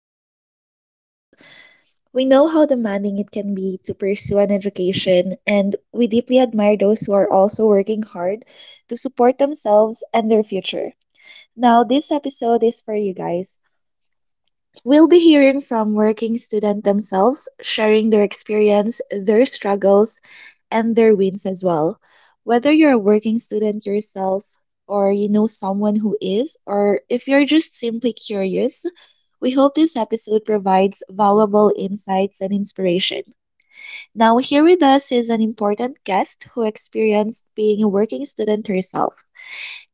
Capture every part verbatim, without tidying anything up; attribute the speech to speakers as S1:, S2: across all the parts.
S1: our working students. We know how demanding it can be to pursue an education, and we deeply admire those who are also working hard to support themselves and their future. Now, this episode is for you guys. We'll be hearing from working students themselves, sharing their experience, their struggles, and their wins as well. Whether you're a working student yourself, or you know someone who is, or if you're just simply curious, we hope this episode provides valuable insights and inspiration. Now, here with us is an important guest who experienced being a working student herself.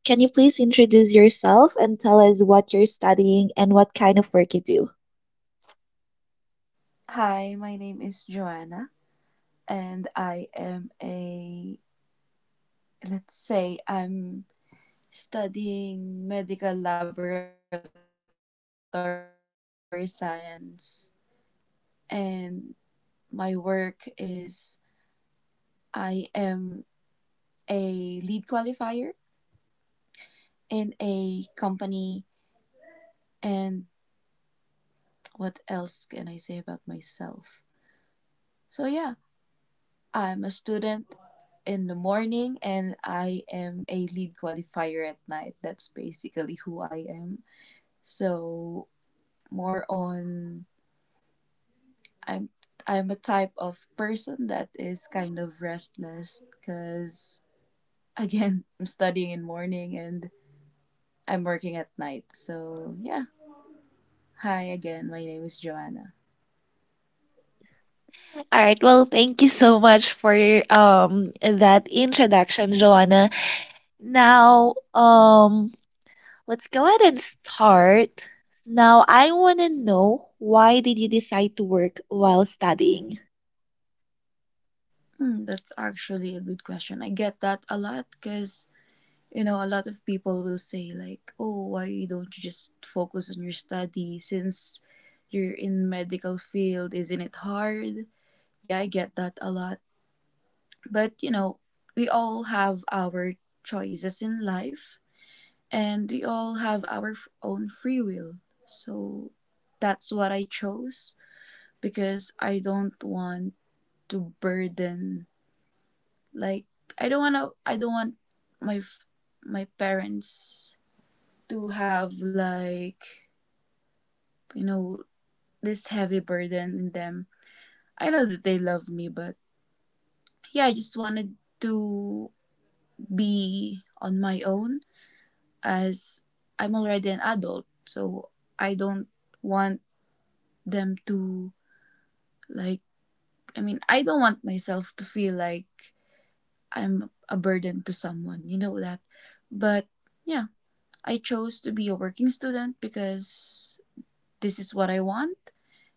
S1: Can you please introduce yourself and tell us what you're studying and what kind of work you do?
S2: Hi, my name is Joanna, and I am a, let's say, I'm studying medical laboratory science, and my work is I am a lead qualifier in a company, and what else can I say about myself? So, yeah, I'm a student in the morning, and I am a lead qualifier at night. That's basically who I am. So more on I'm I'm a type of person that is kind of restless because again I'm studying in morning and I'm working at night. So yeah. Hi again, my name is Joanna.
S1: All right. Well, thank you so much for um that introduction, Joanna. Now, um, let's go ahead and start. Now, I want to know, why did you decide to work while studying?
S2: Hmm, that's actually a good question. I get that a lot because you know a lot of people will say like, "Oh, why don't you just focus on your study since you're in medical field? Isn't it hard?" Yeah, I get that a lot. But you know, we all have our choices in life and we all have our f- own free will. So that's what I chose because I don't want to burden like I don't want to I don't want my f- my parents to have like you know this heavy burden in them. I know that they love me but yeah, I just wanted to be on my own as I'm already an adult, so I don't want them to like I mean, I don't want myself to feel like I'm a burden to someone, you know that. But yeah, I chose to be a working student because this is what I want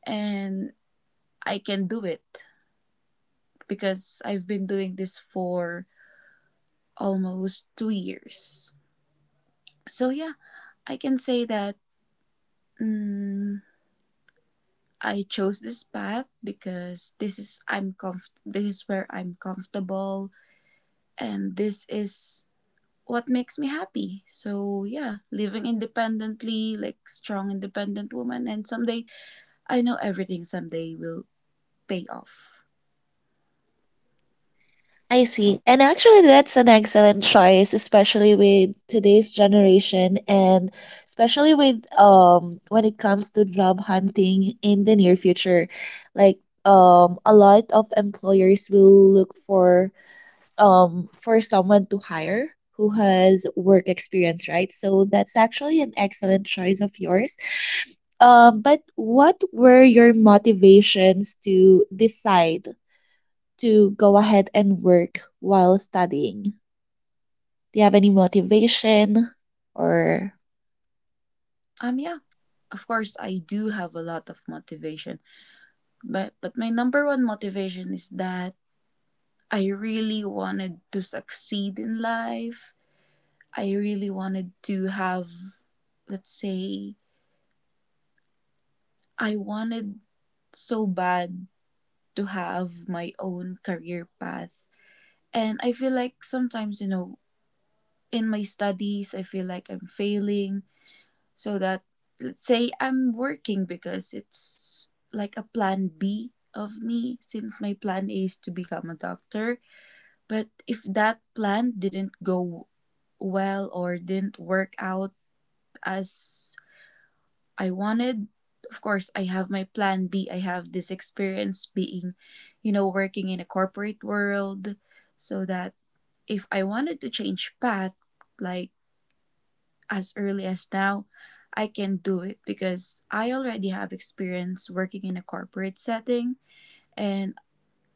S2: and I can do it because I've been doing this for almost two years. So yeah, I can say that mm, I chose this path because this is I'm comf- this is where I'm comfortable and this is what makes me happy. So yeah, living independently, like strong independent woman and someday I know everything someday will pay off.
S1: I see. And actually, that's an excellent choice, especially with today's generation and especially with um when it comes to job hunting in the near future. Like um a lot of employers will look for um, for someone to hire who has work experience, right? So that's actually an excellent choice of yours. Um, but what were your motivations to decide to go ahead and work while studying? Do you have any motivation or?
S2: Um yeah. Of course I do have a lot of motivation, but but my number one motivation is that I really wanted to succeed in life. I really wanted to have let's say I wanted so bad to have my own career path. And I feel like sometimes, you know, in my studies, I feel like I'm failing. So that, let's say, I'm working because it's like a plan B of me, since my plan A is to become a doctor. But if that plan didn't go well or didn't work out as I wanted, of course, I have my plan B. I have this experience being, you know, working in a corporate world so that if I wanted to change path, like as early as now, I can do it because I already have experience working in a corporate setting. And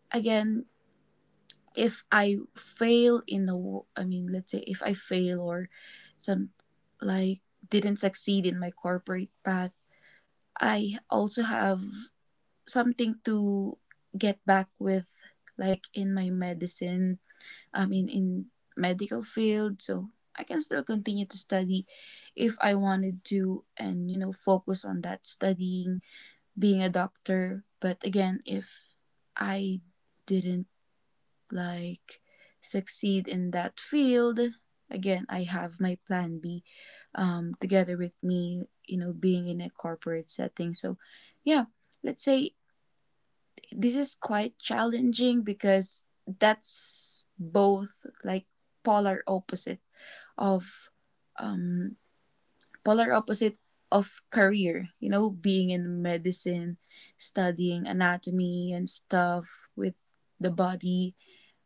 S2: again, if I fail in the, wo- I mean, let's say if I fail or some like didn't succeed in my corporate path, I also have something to get back with like in my medicine i mean in medical field so I can still continue to study if I wanted to and you know focus on that studying being a doctor but again if I didn't like succeed in that field again I have my plan B, um, together with me you know being in a corporate setting so yeah let's say this is quite challenging because that's both like polar opposite of um polar opposite of career you know being in medicine studying anatomy and stuff with the body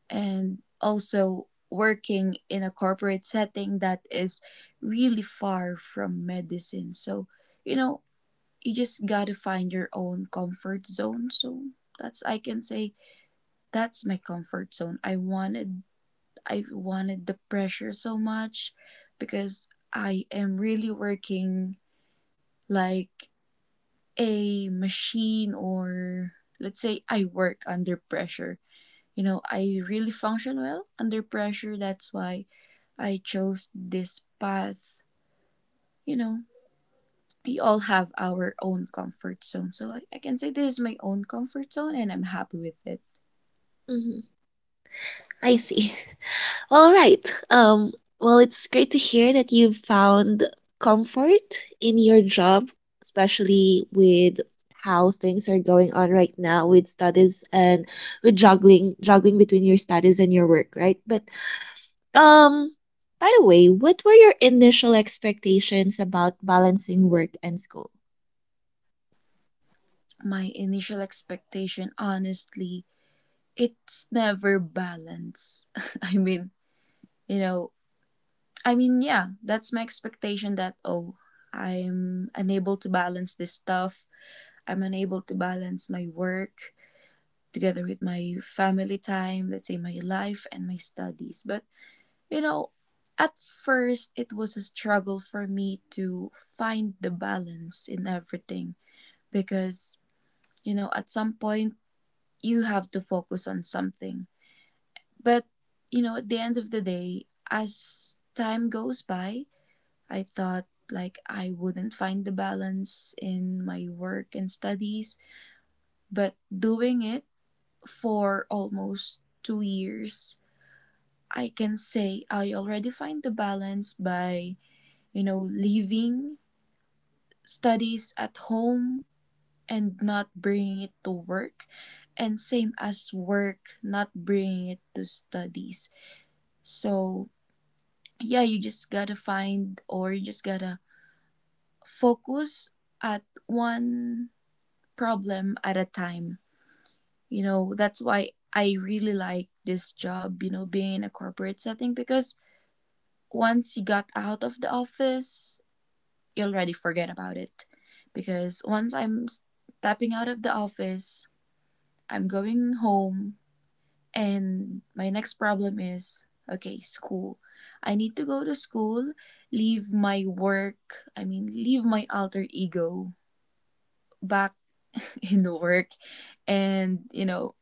S2: and also working in a corporate setting that is really far from medicine so you know you just got to find your own comfort zone so that's I can say that's my comfort zone. I wanted I wanted the pressure so much because I am really working like a machine or let's say I work under pressure. You know, I really function well under pressure. That's why I chose this path. You know, we all have our own comfort zone. So I, I can say this is my own comfort zone and I'm happy with it.
S1: Mhm, I see. All right. Um, well, it's great to hear that you've found comfort in your job, especially with how things are going on right now with studies and with juggling juggling between your studies and your work, right? But um by the way, what were your initial expectations about balancing work and school?
S2: My initial expectation, honestly, it's never balance. I mean, you know, I mean, yeah, that's my expectation that, oh, I'm unable to balance this stuff. I'm unable to balance my work together with my family time, let's say my life and my studies. But, you know, at first it was a struggle for me to find the balance in everything because, you know, at some point you have to focus on something. But, you know, at the end of the day, as time goes by, I thought like I wouldn't find the balance in my work and studies. But doing it for almost two years, I can say I already find the balance by, you know, leaving studies at home and not bringing it to work. And same as work, not bringing it to studies. So, yeah, you just gotta find or you just gotta focus at one problem at a time. You know, that's why I really like this job, you know, being in a corporate setting because once you got out of the office, you already forget about it. Because once I'm stepping out of the office, I'm going home, and my next problem is okay, school. I need to go to school, leave my work, I mean, leave my alter ego back in the work, and, you know,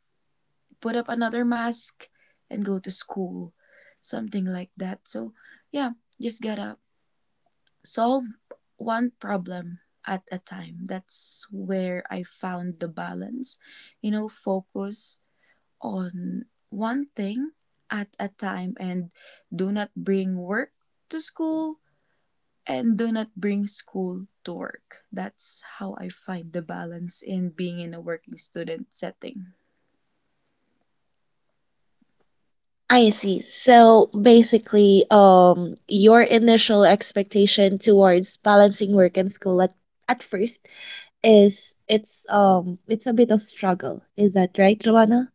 S2: put up another mask and go to school. Something like that. So, yeah, just gotta solve one problem at a time. That's where I found the balance, you know, focus on one thing at a time and do not bring work to school and do not bring school to work. That's how I find the balance in being in a working student setting.
S1: I see. So basically, um your initial expectation towards balancing work and school at, at first is it's um it's a bit of struggle. Is that right, Joanna?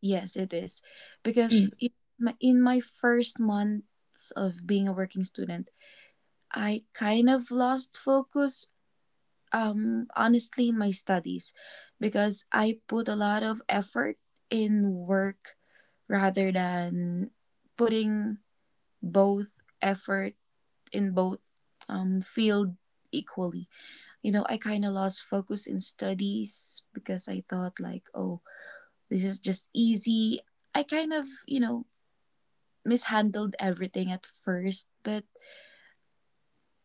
S2: Yes, it is. Because
S1: Mm.
S2: in my, in my first months of being a working student, I kind of lost focus um honestly in my studies because I put a lot of effort in work rather than putting both effort in both um, field equally. You know, I kind of lost focus in studies because I thought like, oh, this is just easy. I kind of, you know, mishandled everything at first, but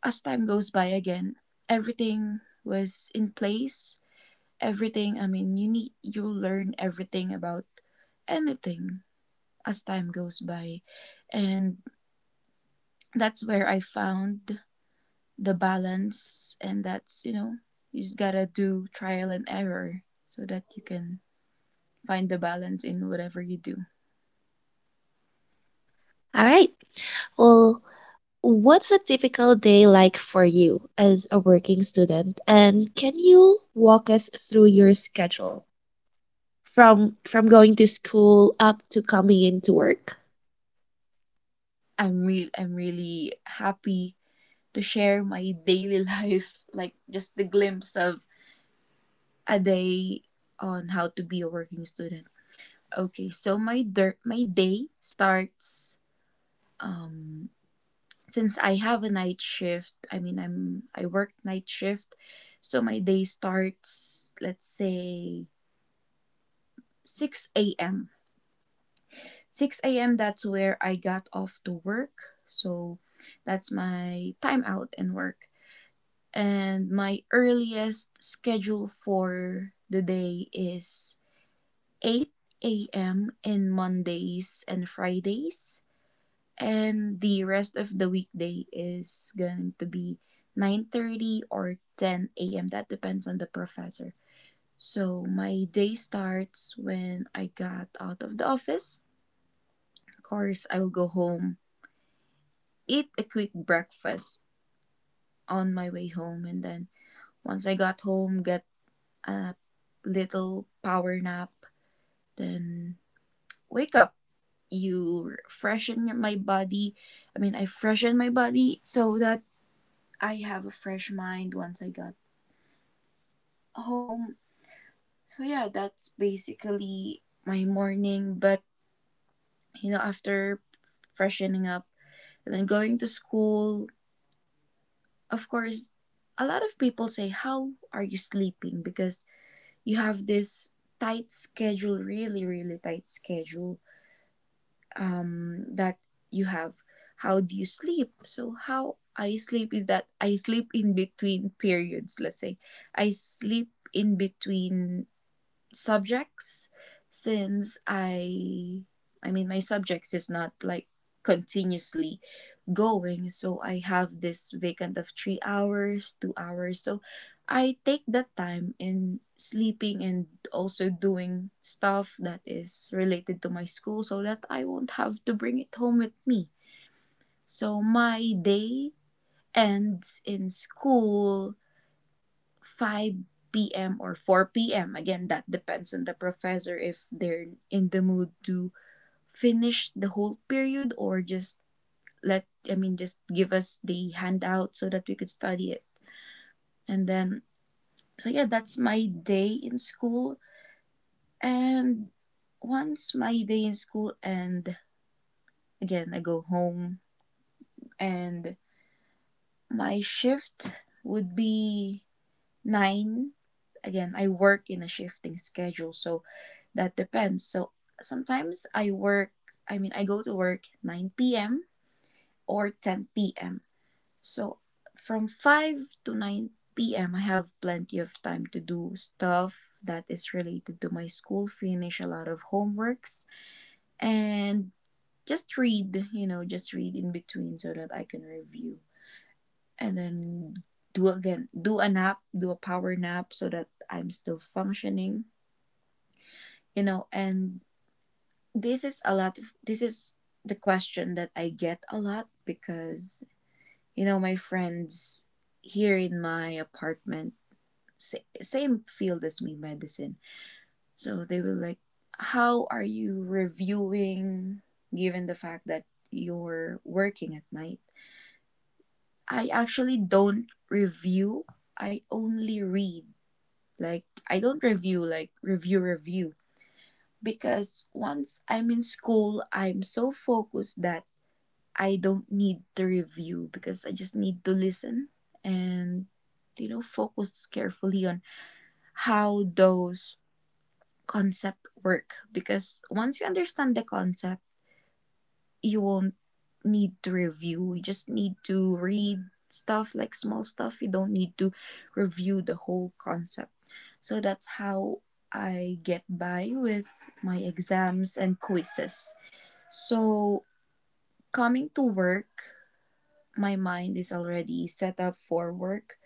S2: as time goes by again, everything was in place. Everything, I mean, you need you learn everything about anything as time goes by. And that's where I found the balance, and that's you know you just gotta do trial and error so that you can find the balance in whatever you do.
S1: All right. Well, what's a typical day like for you as a working student? And can you walk us through your schedule from from going to school up to coming into work?
S2: I'm real. I'm really happy to share my daily life, like just the glimpse of a day on how to be a working student. Okay, so my der- my day starts um since I have a night shift, I mean I'm I work night shift, so my day starts let's say six a m six a m that's where I got off to work. So that's my time out and work. And my earliest schedule for the day is eight a m in Mondays and Fridays and the rest of the weekday is going to be nine thirty or ten a m. That depends on the professor. So my day starts when I got out of the office. Of course, I will go home, eat a quick breakfast on my way home and then once I got home, get a little power nap, then wake up. You freshen my body. I mean, I freshen my body so that I have a fresh mind once I got home. So yeah, that's basically my morning. But you know, after freshening up and then going to school, of course, a lot of people say, "How are you sleeping?" Because you have this tight schedule, really, really tight schedule um, that you have. How do you sleep? So how I sleep is that I sleep in between periods. Let's say I sleep in between subjects since I I mean my subjects is not like continuously going so I have this vacant of three hours, two hours. So I take that time in sleeping and also doing stuff that is related to my school so that I won't have to bring it home with me. So my day ends in school five p m or four p m. Again, that depends on the professor if they're in the mood to finish the whole period or just let, I mean, just give us the handout so that we could study it. And then, so yeah, that's my day in school. And once my day in school and again, I go home, and my shift would be nine. Again, I work in a shifting schedule, so that depends. So sometimes i work I mean, I go to work nine p.m or ten p.m. So from five to nine p.m, I have plenty of time to do stuff that is related to my school, finish a lot of homeworks, and just read you know just read in between so that I can review. And then do again do a nap do a power nap so that I'm still functioning. You know and this is a lot of this is the question that I get a lot because you know my friends here in my apartment, sa- same field as me, medicine. So they were like, how are you reviewing given the fact that you're working at night? I actually don't review, I only read. Like, I don't review like review review, because once I'm in school, I'm so focused that I don't need to review because I just need to listen and you know focus carefully on how those concept work. Because once you understand the concept, you won't need to review. You just need to read stuff, like small stuff. You don't need to review the whole concept. So that's how I get by with my exams and quizzes. So coming to work, my mind is already set up for work.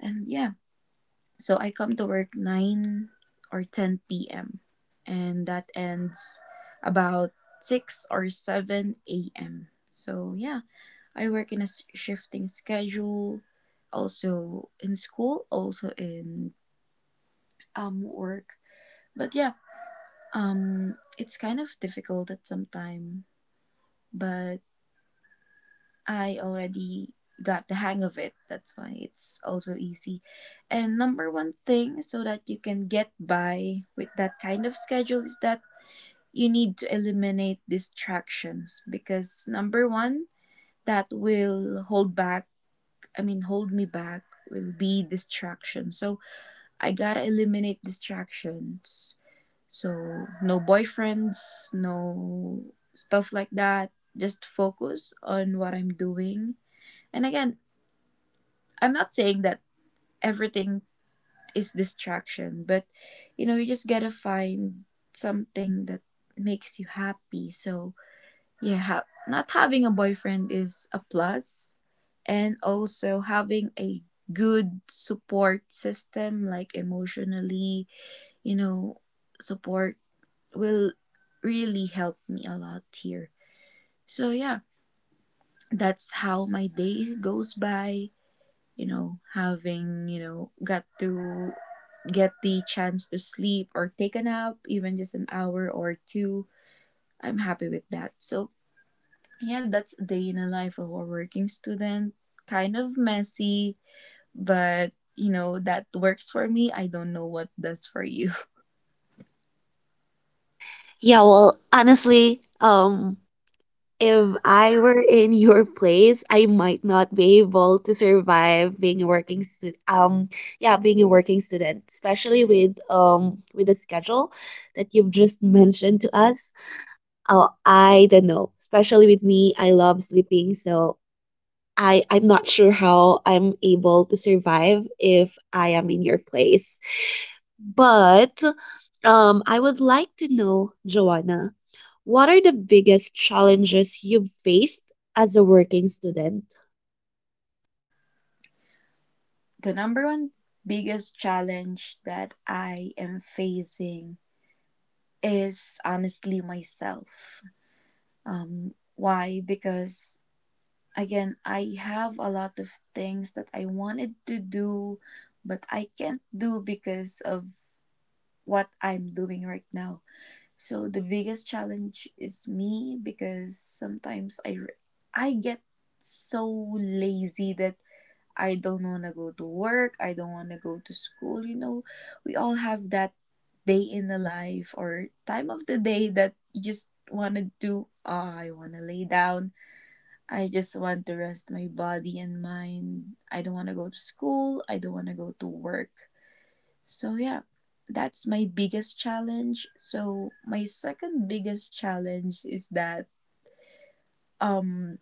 S2: And yeah, so I come to work nine or ten p m and that ends about six or seven a m. So yeah, I work in a s- shifting schedule, also in school, also in um work. But yeah, um it's kind of difficult at some time, but I already got the hang of it. That's why it's also easy. And number one thing so that you can get by with that kind of schedule is that you need to eliminate distractions, because number one, that will hold back I mean, hold me back, will be distraction. So I gotta eliminate distractions. So no boyfriends, no stuff like that. Just focus on what I'm doing. And again, I'm not saying that everything is distraction, but you know, you just gotta find something that makes you happy. So yeah, ha- not having a boyfriend is a plus, and also having a good support system, like emotionally, you know, support will really help me a lot here. So yeah, that's how my day goes by. You know, having, you know, got to get the chance to sleep or take a nap, even just an hour or two. I'm happy with that. So yeah, that's a day in the life of a working student. Kind of messy, but you know, that works for me. I don't know what does for you.
S1: Yeah, well, honestly, um, if I were in your place, I might not be able to survive being a working student. Um, yeah, being a working student, especially with um with the schedule that you've just mentioned to us. Oh, I don't know. Especially with me, I love sleeping, so I, I'm not sure how I'm able to survive if I am in your place. But um, I would like to know, Joanna, what are the biggest challenges you've faced as a working student?
S2: The number one biggest challenge that I am facing is honestly myself. Um, why? Because again, I have a lot of things that I wanted to do, but I can't do because of what I'm doing right now. So the biggest challenge is me, because sometimes I re- I get so lazy that I don't want to go to work, I don't want to go to school, you know. We all have that day in the life or time of the day that you just want to do, oh, I want to lay down. I just want to rest my body and mind. I don't want to go to school, I don't want to go to work. So yeah, that's my biggest challenge. So my second biggest challenge is that um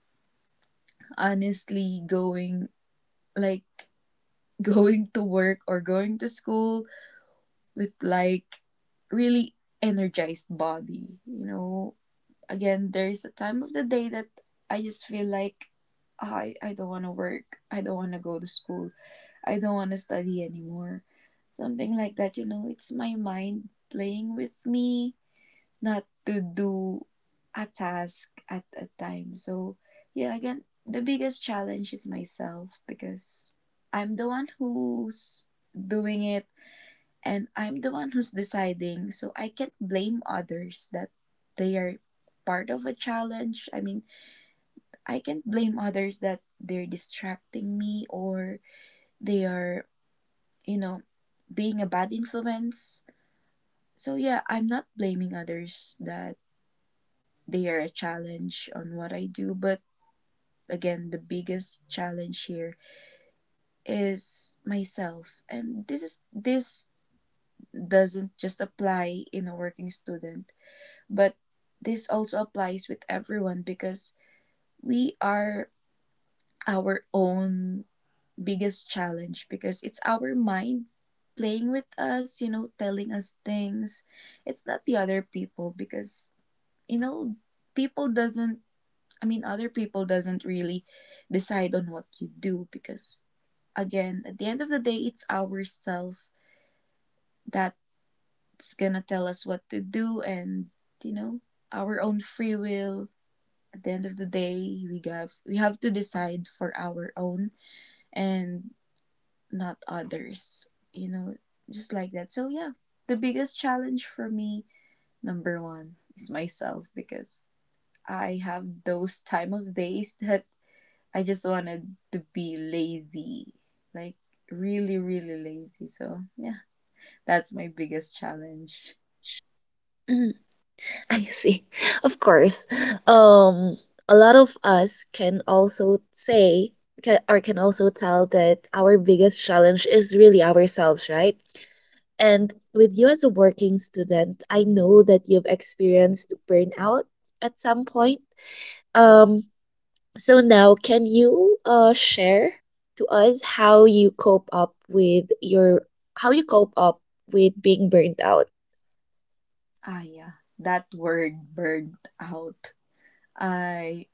S2: honestly going like going to work or going to school with like really energized body, you know. Again, there's a time of the day that I just feel like, "Ah, I I don't want to work. I don't want to go to school. I don't want to study anymore." Something like that, you know. It's my mind playing with me not to do a task at a time. So yeah, again, the biggest challenge is myself because I'm the one who's doing it and I'm the one who's deciding. So I can't blame others that they are part of a challenge. I mean, I can't blame others that they're distracting me or they are, you know, being a bad influence. So yeah, I'm not blaming others that they are a challenge on what I do. But again, the biggest challenge here is myself. And this is this doesn't just apply in a working student, but this also applies with everyone, because we are our own biggest challenge because it's our mind playing with us, you know, telling us things. It's not the other people because you know people doesn't I mean, other people doesn't really decide on what you do because, again, at the end of the day, it's ourself that's gonna tell us what to do, and you know, our own free will. At the end of the day, we have we have to decide for our own and not others. You know, just like that. So yeah, the biggest challenge for me, number one, is myself because I have those time of days that I just wanted to be lazy, like really, really lazy. So yeah, that's my biggest challenge.
S1: Mm, I see. Of course. Um, a lot of us can also say, can, or can also tell that our biggest challenge is really ourselves, right? And with you as a working student, I know that you've experienced burnout at some point. Um, so now, can you uh, share to us how you cope up with your how you cope up with being burnt out?
S2: Ah, yeah, that word, burnt out. I,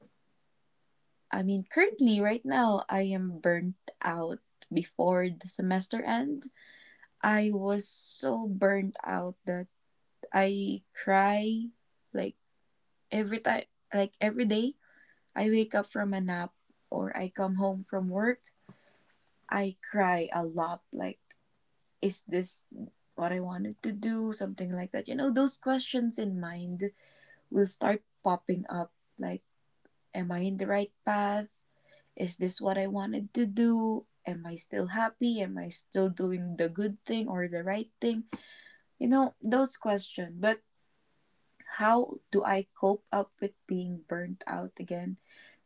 S2: I mean, currently, right now, I am burnt out. Before the semester end, I was so burnt out that I cry like every time, like every day. I wake up from a nap or I come home from work, I cry a lot, like, is this what I wanted to do? Something like that. You know, those questions in mind will start popping up, like, am I in the right path? Is this what I wanted to do? Am I still happy? Am I still doing the good thing or the right thing? You know, those questions. But how do I cope up with being burnt out again?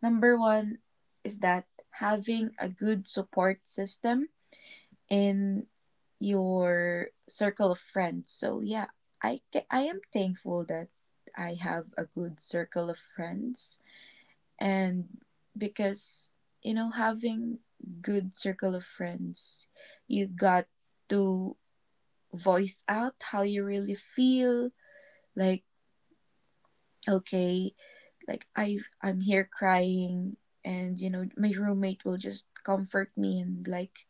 S2: Number one is that having a good support system in your circle of friends. So yeah, I ca- I am thankful that I have a good circle of friends, and because you know, having good circle of friends, you got to voice out how you really feel, like, okay, like I I'm here crying, and you know, my roommate will just comfort me, and like,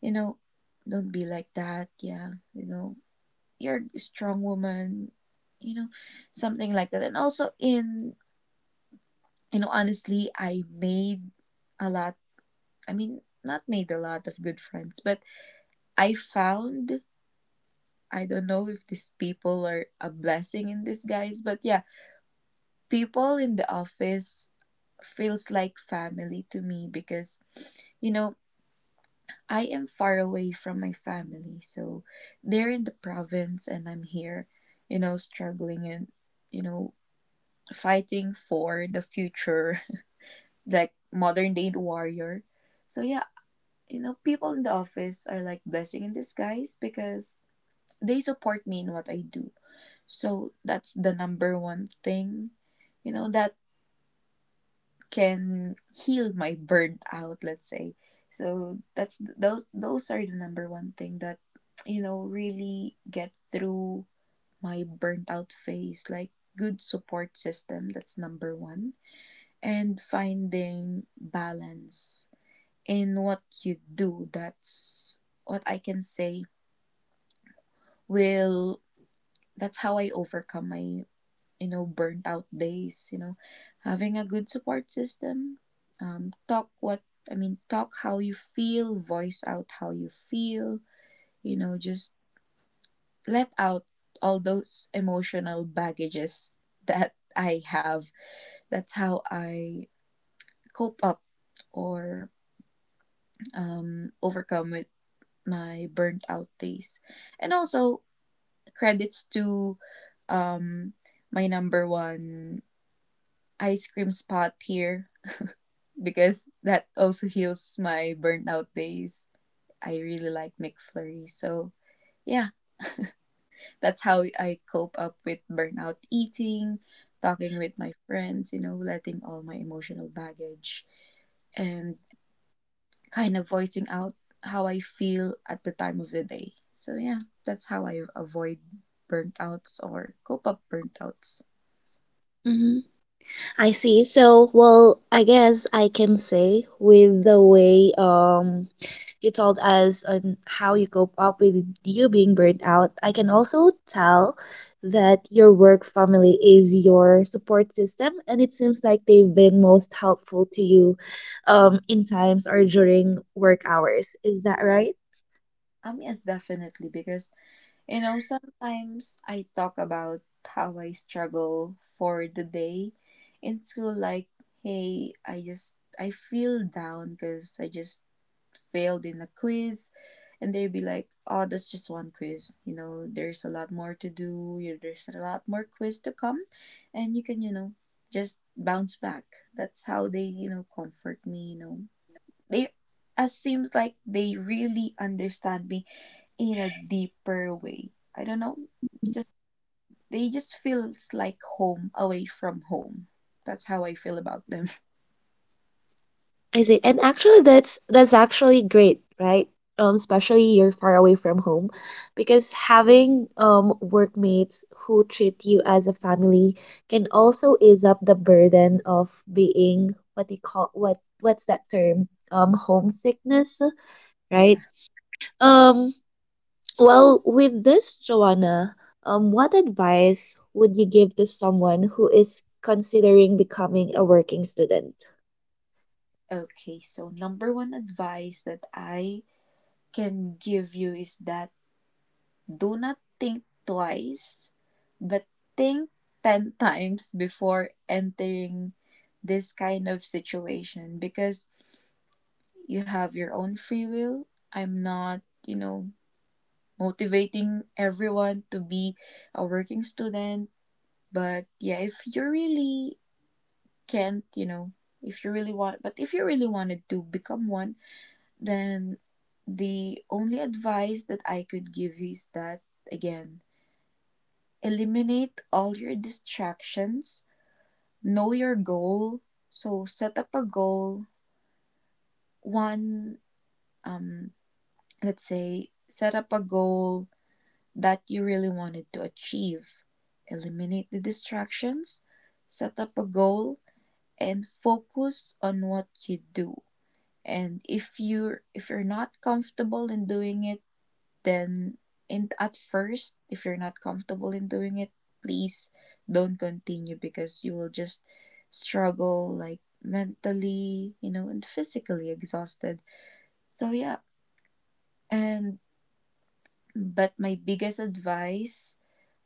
S2: you know, don't be like that, yeah, you know, you're a strong woman, you know, something like that. And also in, you know, honestly, I made a lot I mean, not made a lot of good friends, but I found, I don't know if these people are a blessing in disguise, but yeah, people in the office feels like family to me because, you know, I am far away from my family. So they're in the province and I'm here, you know, struggling and, you know, fighting for the future, like modern day warrior. So yeah, you know, people in the office are like blessing in disguise because they support me in what I do. So that's the number one thing, you know, that can heal my burnout, let's say. So that's those those are the number one thing that you know really get through my burnt out phase, like good support system, that's number one, and finding balance in what you do. That's what I can say will, that's how I overcome my, you know, burnt out days. You know, having a good support system, um talk what I mean, talk how you feel, voice out how you feel, you know, just let out all those emotional baggages that I have. That's how I cope up or um, overcome my burnt out days. And also credits to um my number one ice cream spot here because that also heals my burnt out days. I really like McFlurry. So yeah, that's how I cope up with burnout, eating, talking with my friends, you know, letting all my emotional baggage and kind of voicing out how I feel at the time of the day. So yeah, that's how I avoid burntouts or cope up burntouts.
S1: Hmm, I see. So, well, I guess I can say with the way um you told us on how you cope up with you being burned out. I can also tell that your work family is your support system, and it seems like they've been most helpful to you um, in times or during work hours. Is that right?
S2: Um, yes, definitely, because you know, sometimes I talk about how I struggle for the day in school, like, hey, I just, I feel down because I just failed in a quiz. And they'd be like, oh, that's just one quiz. You know, there's a lot more to do. You- There's a lot more quiz to come. And you can, you know, just bounce back. That's how they, you know, comfort me, you know. They, as seems like they really understand me in a deeper way. I don't know. Just they just feels like home away from home. That's how I feel about them.
S1: I see. And actually that's that's actually great, right? Um, especially you're far away from home, because having um workmates who treat you as a family can also ease up the burden of being what they call what what's that term? Um, homesickness,
S2: Yeah.
S1: right? Um, well, with this, Joanna, um, what advice would you give to someone who is considering becoming a working student?
S2: Okay. So number one advice that I can give you is that do not think twice, but think ten times before entering this kind of situation because you have your own free will. I'm not, you know, motivating everyone to be a working student. But yeah, if you really can't, you know, if you really want, but if you really wanted to become one, then the only advice that I could give you is that, again, eliminate all your distractions, know your goal. So set up a goal, one, um, let's say, set up a goal that you really wanted to achieve. Eliminate the distractions, set up a goal, and focus on what you do. And if you're if you're not comfortable in doing it, then in at first, if you're not comfortable in doing it, please don't continue because you will just struggle, like mentally, you know, and physically exhausted. So yeah. And but my biggest advice,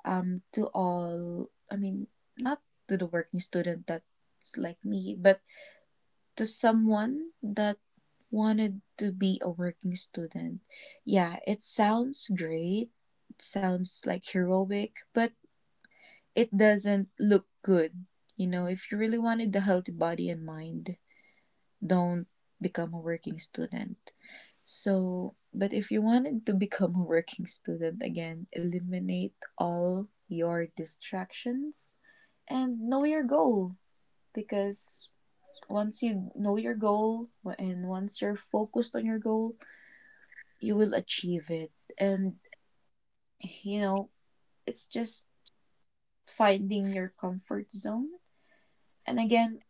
S2: um, to all, I mean, not to the working student that's like me, but to someone that wanted to be a working student. Yeah, it sounds great. It sounds like heroic, but it doesn't look good. You know, if you really wanted a healthy body and mind, don't become a working student. So, but if you wanted to become a working student, again, eliminate all your distractions and know your goal, because once you know your goal and once you're focused on your goal, you will achieve it. And you know, it's just finding your comfort zone. And again,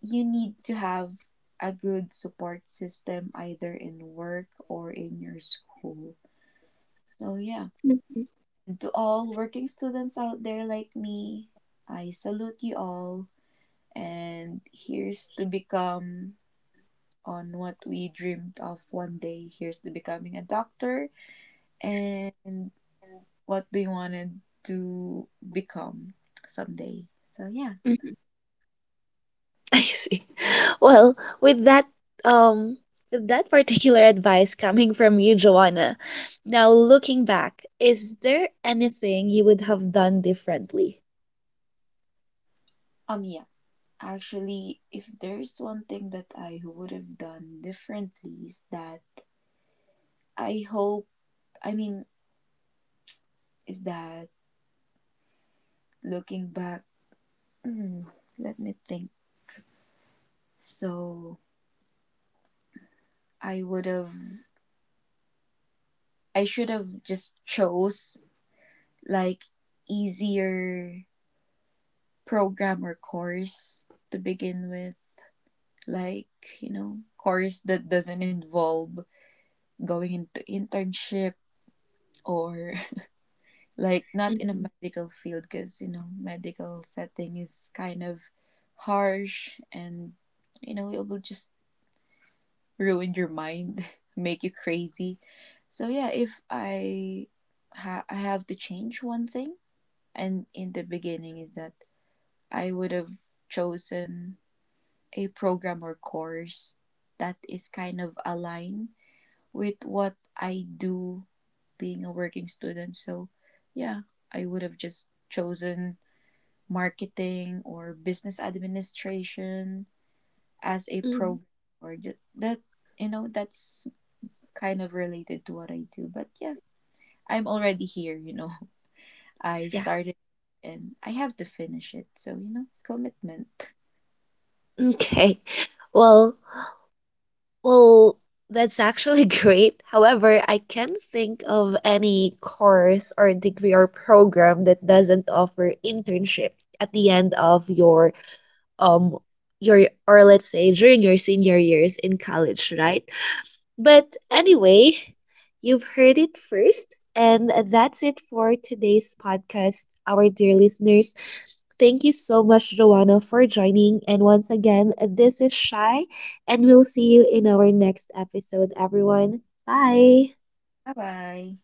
S2: you need to have a good support system either in work or in your school. So yeah.
S1: Mhm,
S2: To all working students out there like me, I salute you all. And here's to become on what we dreamed of one day. Here's to becoming a doctor and what we wanted to become someday. So yeah.
S1: mhm. I see. Well, with that um with that particular advice coming from you, Joanna, now looking back, is there anything you would have done differently?
S2: Um yeah. Actually, if there's one thing that I would have done differently is that I hope I mean, is that looking back, hmm, let me think. So I would have I should have just chose like easier program or course to begin with, like, you know, course that doesn't involve going into internship or like not in a
S1: Mhm.
S2: medical field because you know medical setting is kind of harsh, and you know it will just ruin your mind make you crazy. So yeah, if i ha- I have to change one thing and in the beginning is that I would have chosen a program or course that is kind of aligned with what I do, being a working student. So yeah, I would have just chosen marketing or business administration as a
S1: Mhm.
S2: program or just that, you know, that's kind of related to what I do. But yeah, I'm already here, you know. I
S1: Yeah.
S2: started and I have to finish it. So, you know, commitment.
S1: Okay. Well, well, that's actually great. However, I can't think of any course or degree or program that doesn't offer internship at the end of your um your or let's say during your senior years in college, right? But anyway, you've heard it first and that's it for today's podcast, our dear listeners. Thank you so much, Joanna, for joining. And once again, this is Shai, and we'll see you in our next episode, everyone. Bye.
S2: Bye bye.